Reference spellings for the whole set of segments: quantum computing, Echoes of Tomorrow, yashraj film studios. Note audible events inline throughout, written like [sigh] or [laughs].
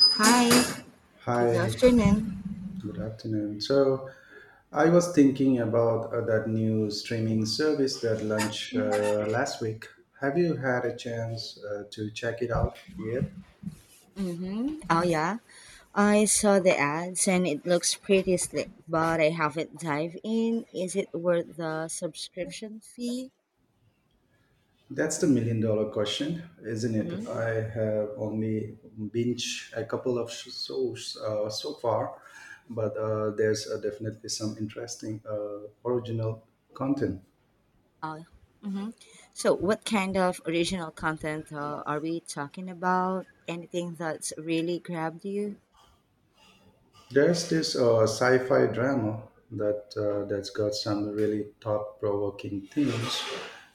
Hi, good Hi, afternoon. good afternoon. So, I was thinking about that new streaming service that launched last week. Have you had a chance to check it out yet? Mm-hmm. Oh, yeah. I saw the ads and it looks pretty slick, but I haven't dived in. Is it worth the subscription fee? That's the million dollar question, isn't it? Mm-hmm. I have only binge a couple of shows so far, but there's definitely some interesting original content. Uh, mm-hmm. So, what kind of original content are we talking about? Anything that's really grabbed you? There's this sci-fi drama that's got some really thought-provoking themes.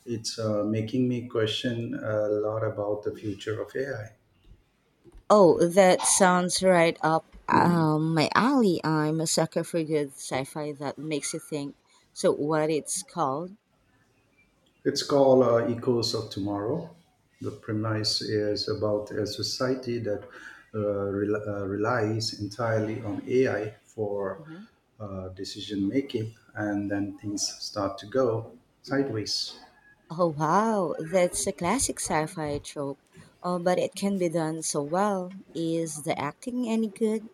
It's making me question a lot about the future of AI. Oh, that sounds right up my alley. I'm a sucker for good sci fi that makes you think. So, what it's called? It's called Echoes of Tomorrow. The premise is about a society that uh, relies entirely on AI for decision making, and then things start to go sideways. Oh wow, that's a classic sci-fi trope. Oh, but it can be done so well. Is the acting any good?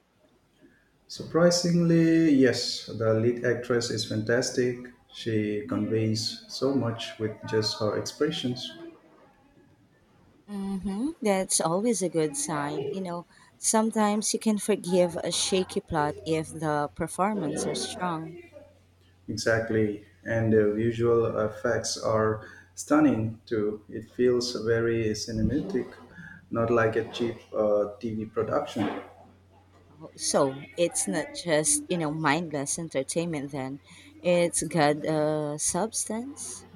Surprisingly, yes, the lead actress is fantastic. She conveys so much with just her expressions. Mm-hmm. That's always a good sign. Sometimes you can forgive a shaky plot if the performance are strong. Exactly, and the visual effects are stunning too. It feels very cinematic, not like a cheap TV production. Oh, so it's not just mindless entertainment. Then it's got substance.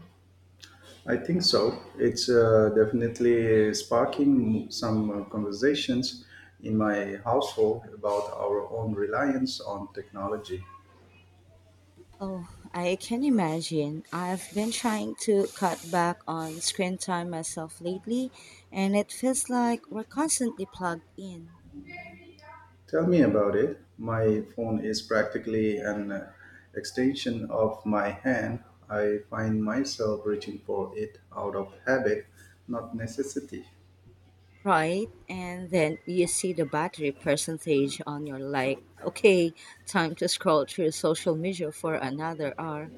I think so. It's definitely sparking some conversations in my household about our own reliance on technology. Oh, I can imagine. I've been trying to cut back on screen time myself lately, and it feels like we're constantly plugged in, Tell me about it. My phone is practically an extension of my hand. I find myself reaching for it out of habit, not necessity. right? And then you see the battery percentage on your like, okay, time to scroll through social media for another hour.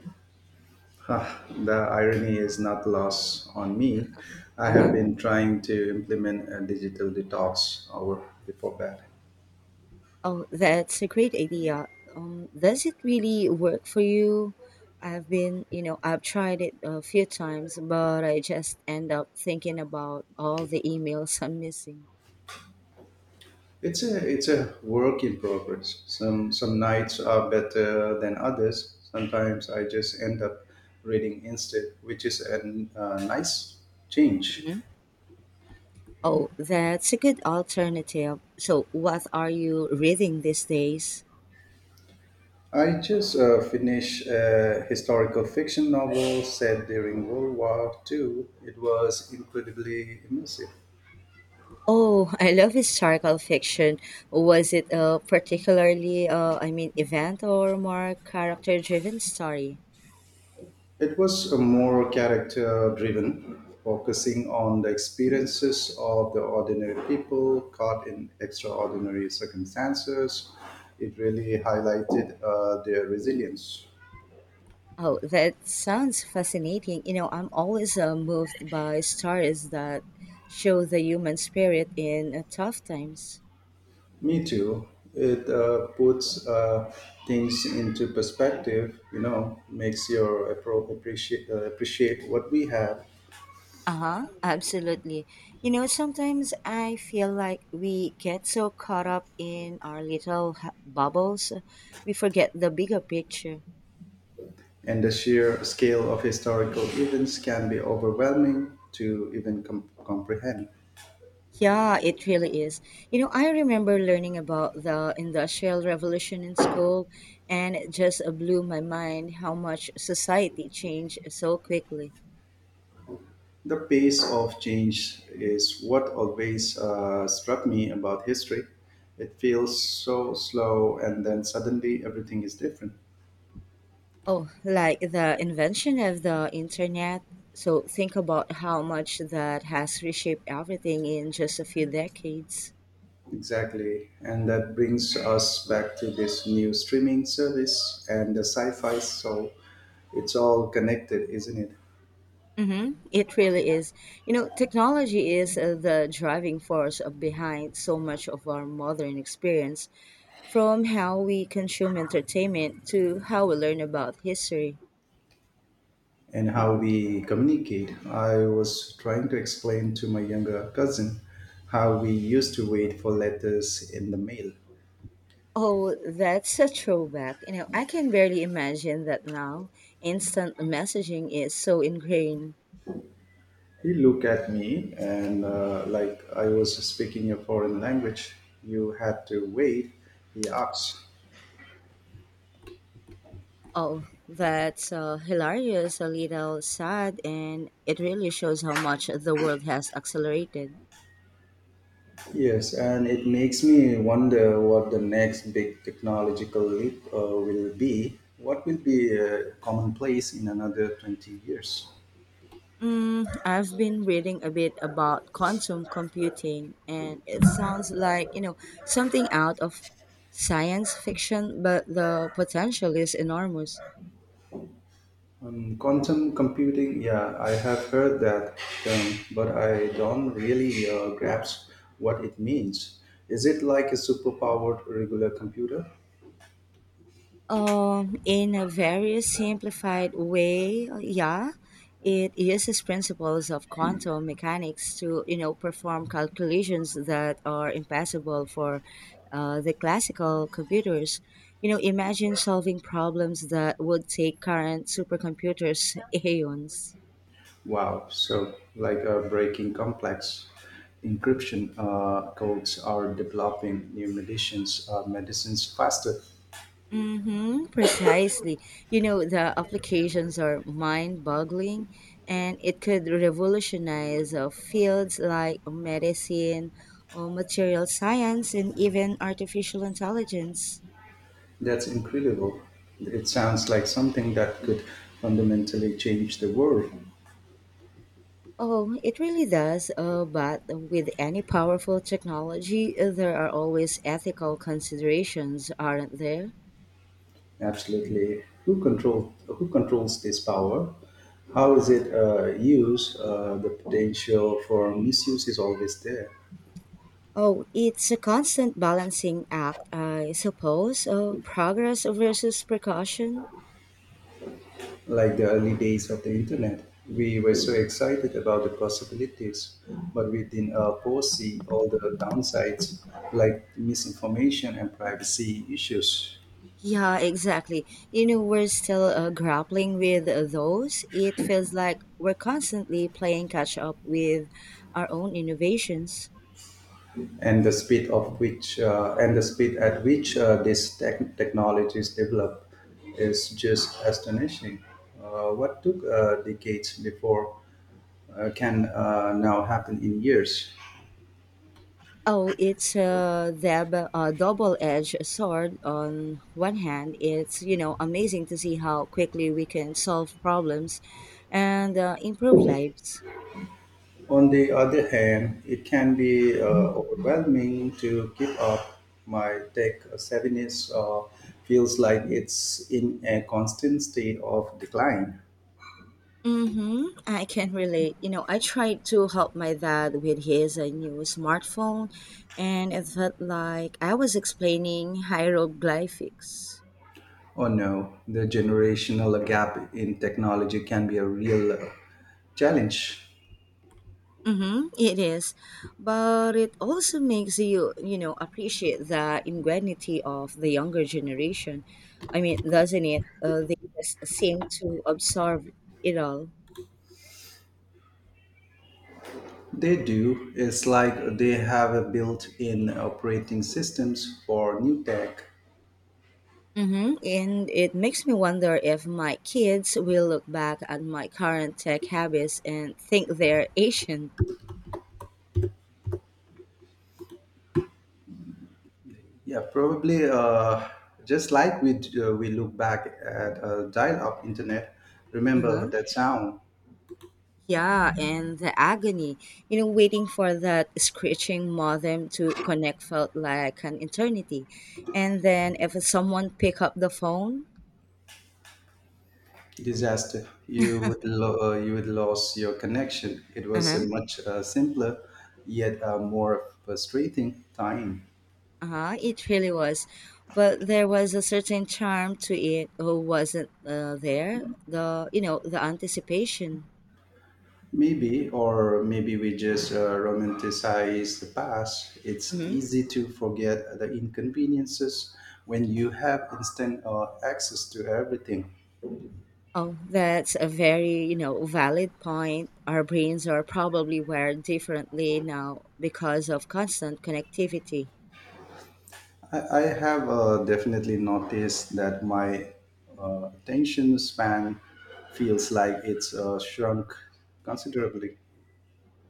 Ah, the irony is not lost on me. I Uh huh. have been trying to implement a digital detox hour before bed. Oh, that's a great idea. Does it really work for you? I've been, I've tried it a few times, but I just end up thinking about all the emails I'm missing. It's a work in progress. Some nights are better than others. Sometimes I just end up reading instead, which is a nice change. Mhm. Oh, that's a good alternative. So, what are you reading these days? I just finished a historical fiction novel set during World War Two. It was incredibly immersive. Oh, [laughs] I love historical fiction. Was it a particularly, event or more character driven story? It was a more character driven, focusing on the experiences of the ordinary people caught in extraordinary circumstances. It really highlighted their resilience. Oh, that sounds fascinating. I'm always moved by stories that show the human spirit in tough times. Me too. It puts things into perspective, you know, makes your appreciate what we have. Uh huh, absolutely. Sometimes I feel like we get so caught up in our little bubbles, we forget the bigger picture. And the sheer scale of historical events can be overwhelming to even comprehend. Yeah, it really is. I remember learning about the Industrial Revolution in school, and it just blew my mind how much society changed so quickly. The pace of change is what always struck me about history. It feels so slow, and then suddenly everything is different. Oh, like the invention of the internet. So think about how much that has reshaped everything in just a few decades. Exactly. And that brings us back to this new streaming service and the sci fi. So it's all connected, isn't it? Hmm. It really is. Technology is the driving force of behind so much of our modern experience, from how we consume entertainment to how we learn about history. And how we communicate. I was trying to explain to my younger cousin how we used to wait for letters in the mail. Oh, that's a throwback. I can barely imagine that now. Instant messaging is so ingrained. He looked at me and, like I was speaking a foreign language, you had to wait, he asked. Oh, that's hilarious, a little sad, and it really shows how much the world has accelerated. Yes, and it makes me wonder what the next big technological leap will be. What will be commonplace in another 20 years? Mm, I've been reading a bit about quantum computing, and it sounds like, something out of science fiction, but the potential is enormous. Quantum computing, yeah, I have heard that term, but I don't really grasp what it means. Is it like a superpowered regular computer? In a very simplified way, yeah, it uses principles of quantum mechanics to perform calculations that are impossible for the classical computers. Imagine solving problems that would take current supercomputers [laughs] eons. Wow. So, like breaking complex encryption codes are developing new medicines, medicines faster. Mm-hmm, precisely. The applications are mind-boggling and it could revolutionize fields like medicine or material science and even artificial intelligence. That's incredible. It sounds like something that could fundamentally change the world. Oh, it really does. But with any powerful technology, there are always ethical considerations, aren't there? Absolutely. Who controls this power? How is it used? The potential for misuse is always there. Oh, it's a constant balancing act, I suppose. Progress versus precaution. Like the early days of the internet. We were so excited about the possibilities, but we didn't foresee all the downsides like misinformation and privacy issues, Yeah, exactly. We're still grappling with those. It feels like we're constantly playing catch up with our own innovations. and the speed of which and the speed at which these technologies develop is just astonishing. What took decades before can now happen in years. Oh, it's the double-edged sword. On one hand, it's amazing to see how quickly we can solve problems and improve lives. On the other hand, it can be overwhelming to keep up. My tech savviness feels like it's in a constant state of decline. Mm-hmm. I can relate. I tried to help my dad with his new smartphone, and it felt like I was explaining hieroglyphics. Oh no, the generational gap in technology can be a real challenge. Mm-hmm. It is, but it also makes you, appreciate the ingenuity of the younger generation. I mean, doesn't it? They just seem to absorb it all. They do. It's like they have a built in operating systems for new tech. Mm-hmm. And it makes me wonder if my kids will look back at my current tech habits and think they're Asian. Yeah, probably just like we look back at dial-up internet. Remember Uh-huh. that sound? Yeah, and the agony, waiting for that screeching modem to connect felt like an eternity. And then if someone pick up the phone, Disaster? You would lose your connection. It was uh-huh, a much simpler, yet more frustrating time. uh-huh, it really was. But there was a certain charm to it who wasn't there, the, the anticipation. Maybe, or maybe we just romanticize the past. It's easy to forget the inconveniences when you have instant access to everything. Oh, that's a very, valid point. Our brains are probably wired differently now because of constant connectivity. I have definitely noticed that my attention span feels like it's shrunk considerably.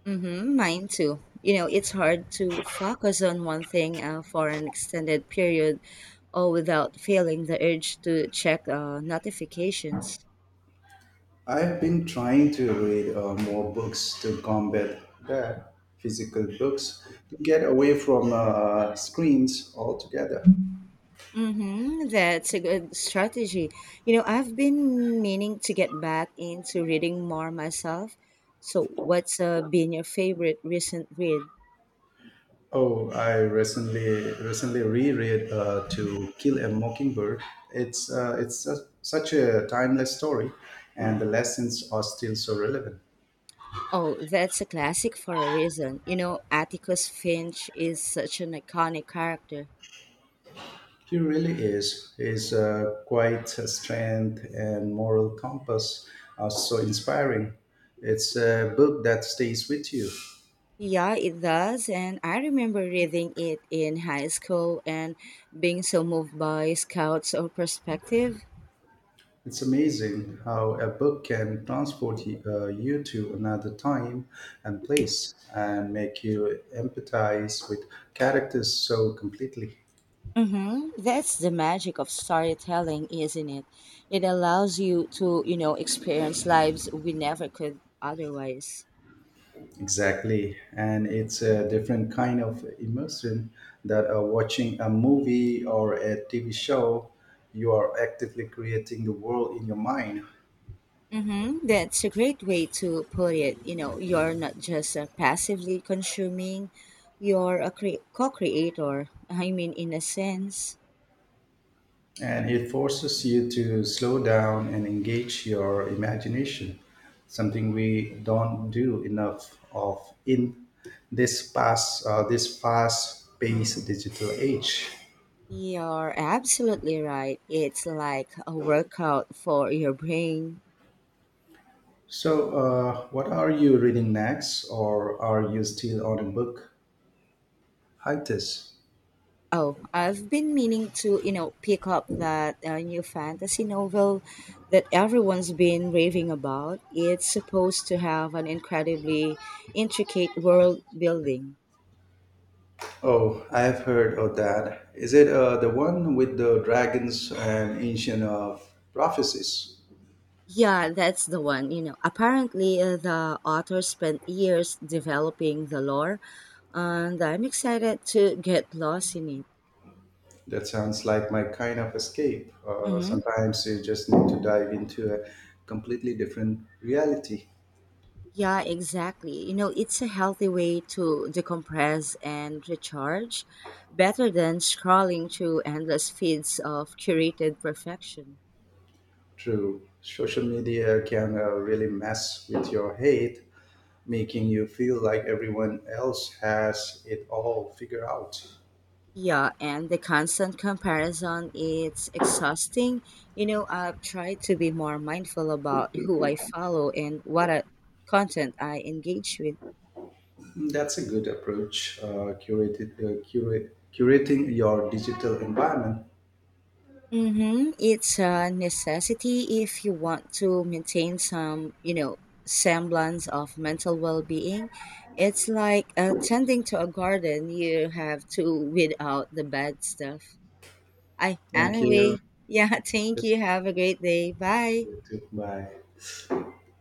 Mm-hmm, mine too. It's hard to focus on one thing for an extended period or without feeling the urge to check notifications. I've been trying to read more books to combat that, physical books, to get away from screens altogether. Mm-hmm, that's a good strategy. I've been meaning to get back into reading more myself. So, what's been your favorite recent read? Oh, I recently reread "To Kill a Mockingbird." It's such a timeless story, and the lessons are still so relevant. Oh, that's a classic for a reason. Atticus Finch is such an iconic character. He really is. His quiet strength and moral compass are so inspiring. It's a book that stays with you. Yeah, it does. And I remember reading it in high school and being so moved by Scout's or perspective. It's amazing how a book can transport you to another time and place and make you empathize with characters so completely. Mm-hmm. That's the magic of storytelling, isn't it? It allows you to, experience lives we never could otherwise. Exactly. And it's a different kind of immersion that watching a movie or a TV show, you are actively creating the world in your mind. Mm-hmm. That's a great way to put it. You're not just passively consuming, you're a co creator. I mean, in a sense, And it forces you to slow down and engage your imagination, something we don't do enough of in this fast-paced digital age. you're absolutely right. It's like a workout for your brain. So, what are you reading next, or are you still on a book hiatus? Oh, I've been meaning to, pick up that new fantasy novel that everyone's been raving about. It's supposed to have an incredibly intricate world building. Oh, I have heard of that. Is it the one with the dragons and ancient prophecies? Yeah, that's the one. Apparently the author spent years developing the lore, and I'm excited to get lost in it. That sounds like my kind of escape. Hmm. Sometimes you just need to dive into a completely different reality. Yeah, exactly. It's a healthy way to decompress and recharge, better than scrolling through endless feeds of curated perfection. True, social media can really mess with your head, making you feel like everyone else has it all figured out. Yeah, and the constant comparison, it's exhausting. I've tried to be more mindful about who I follow and what content I engage with. That's a good approach. Curating your digital environment. Mm-hmm. It's a necessity if you want to maintain some, semblance of mental well-being. It's like tending to a garden. You have to weed out the bad stuff. I Thank you. anyway, yeah. [laughs] Thank you. Have a great day. Bye. You too. Bye.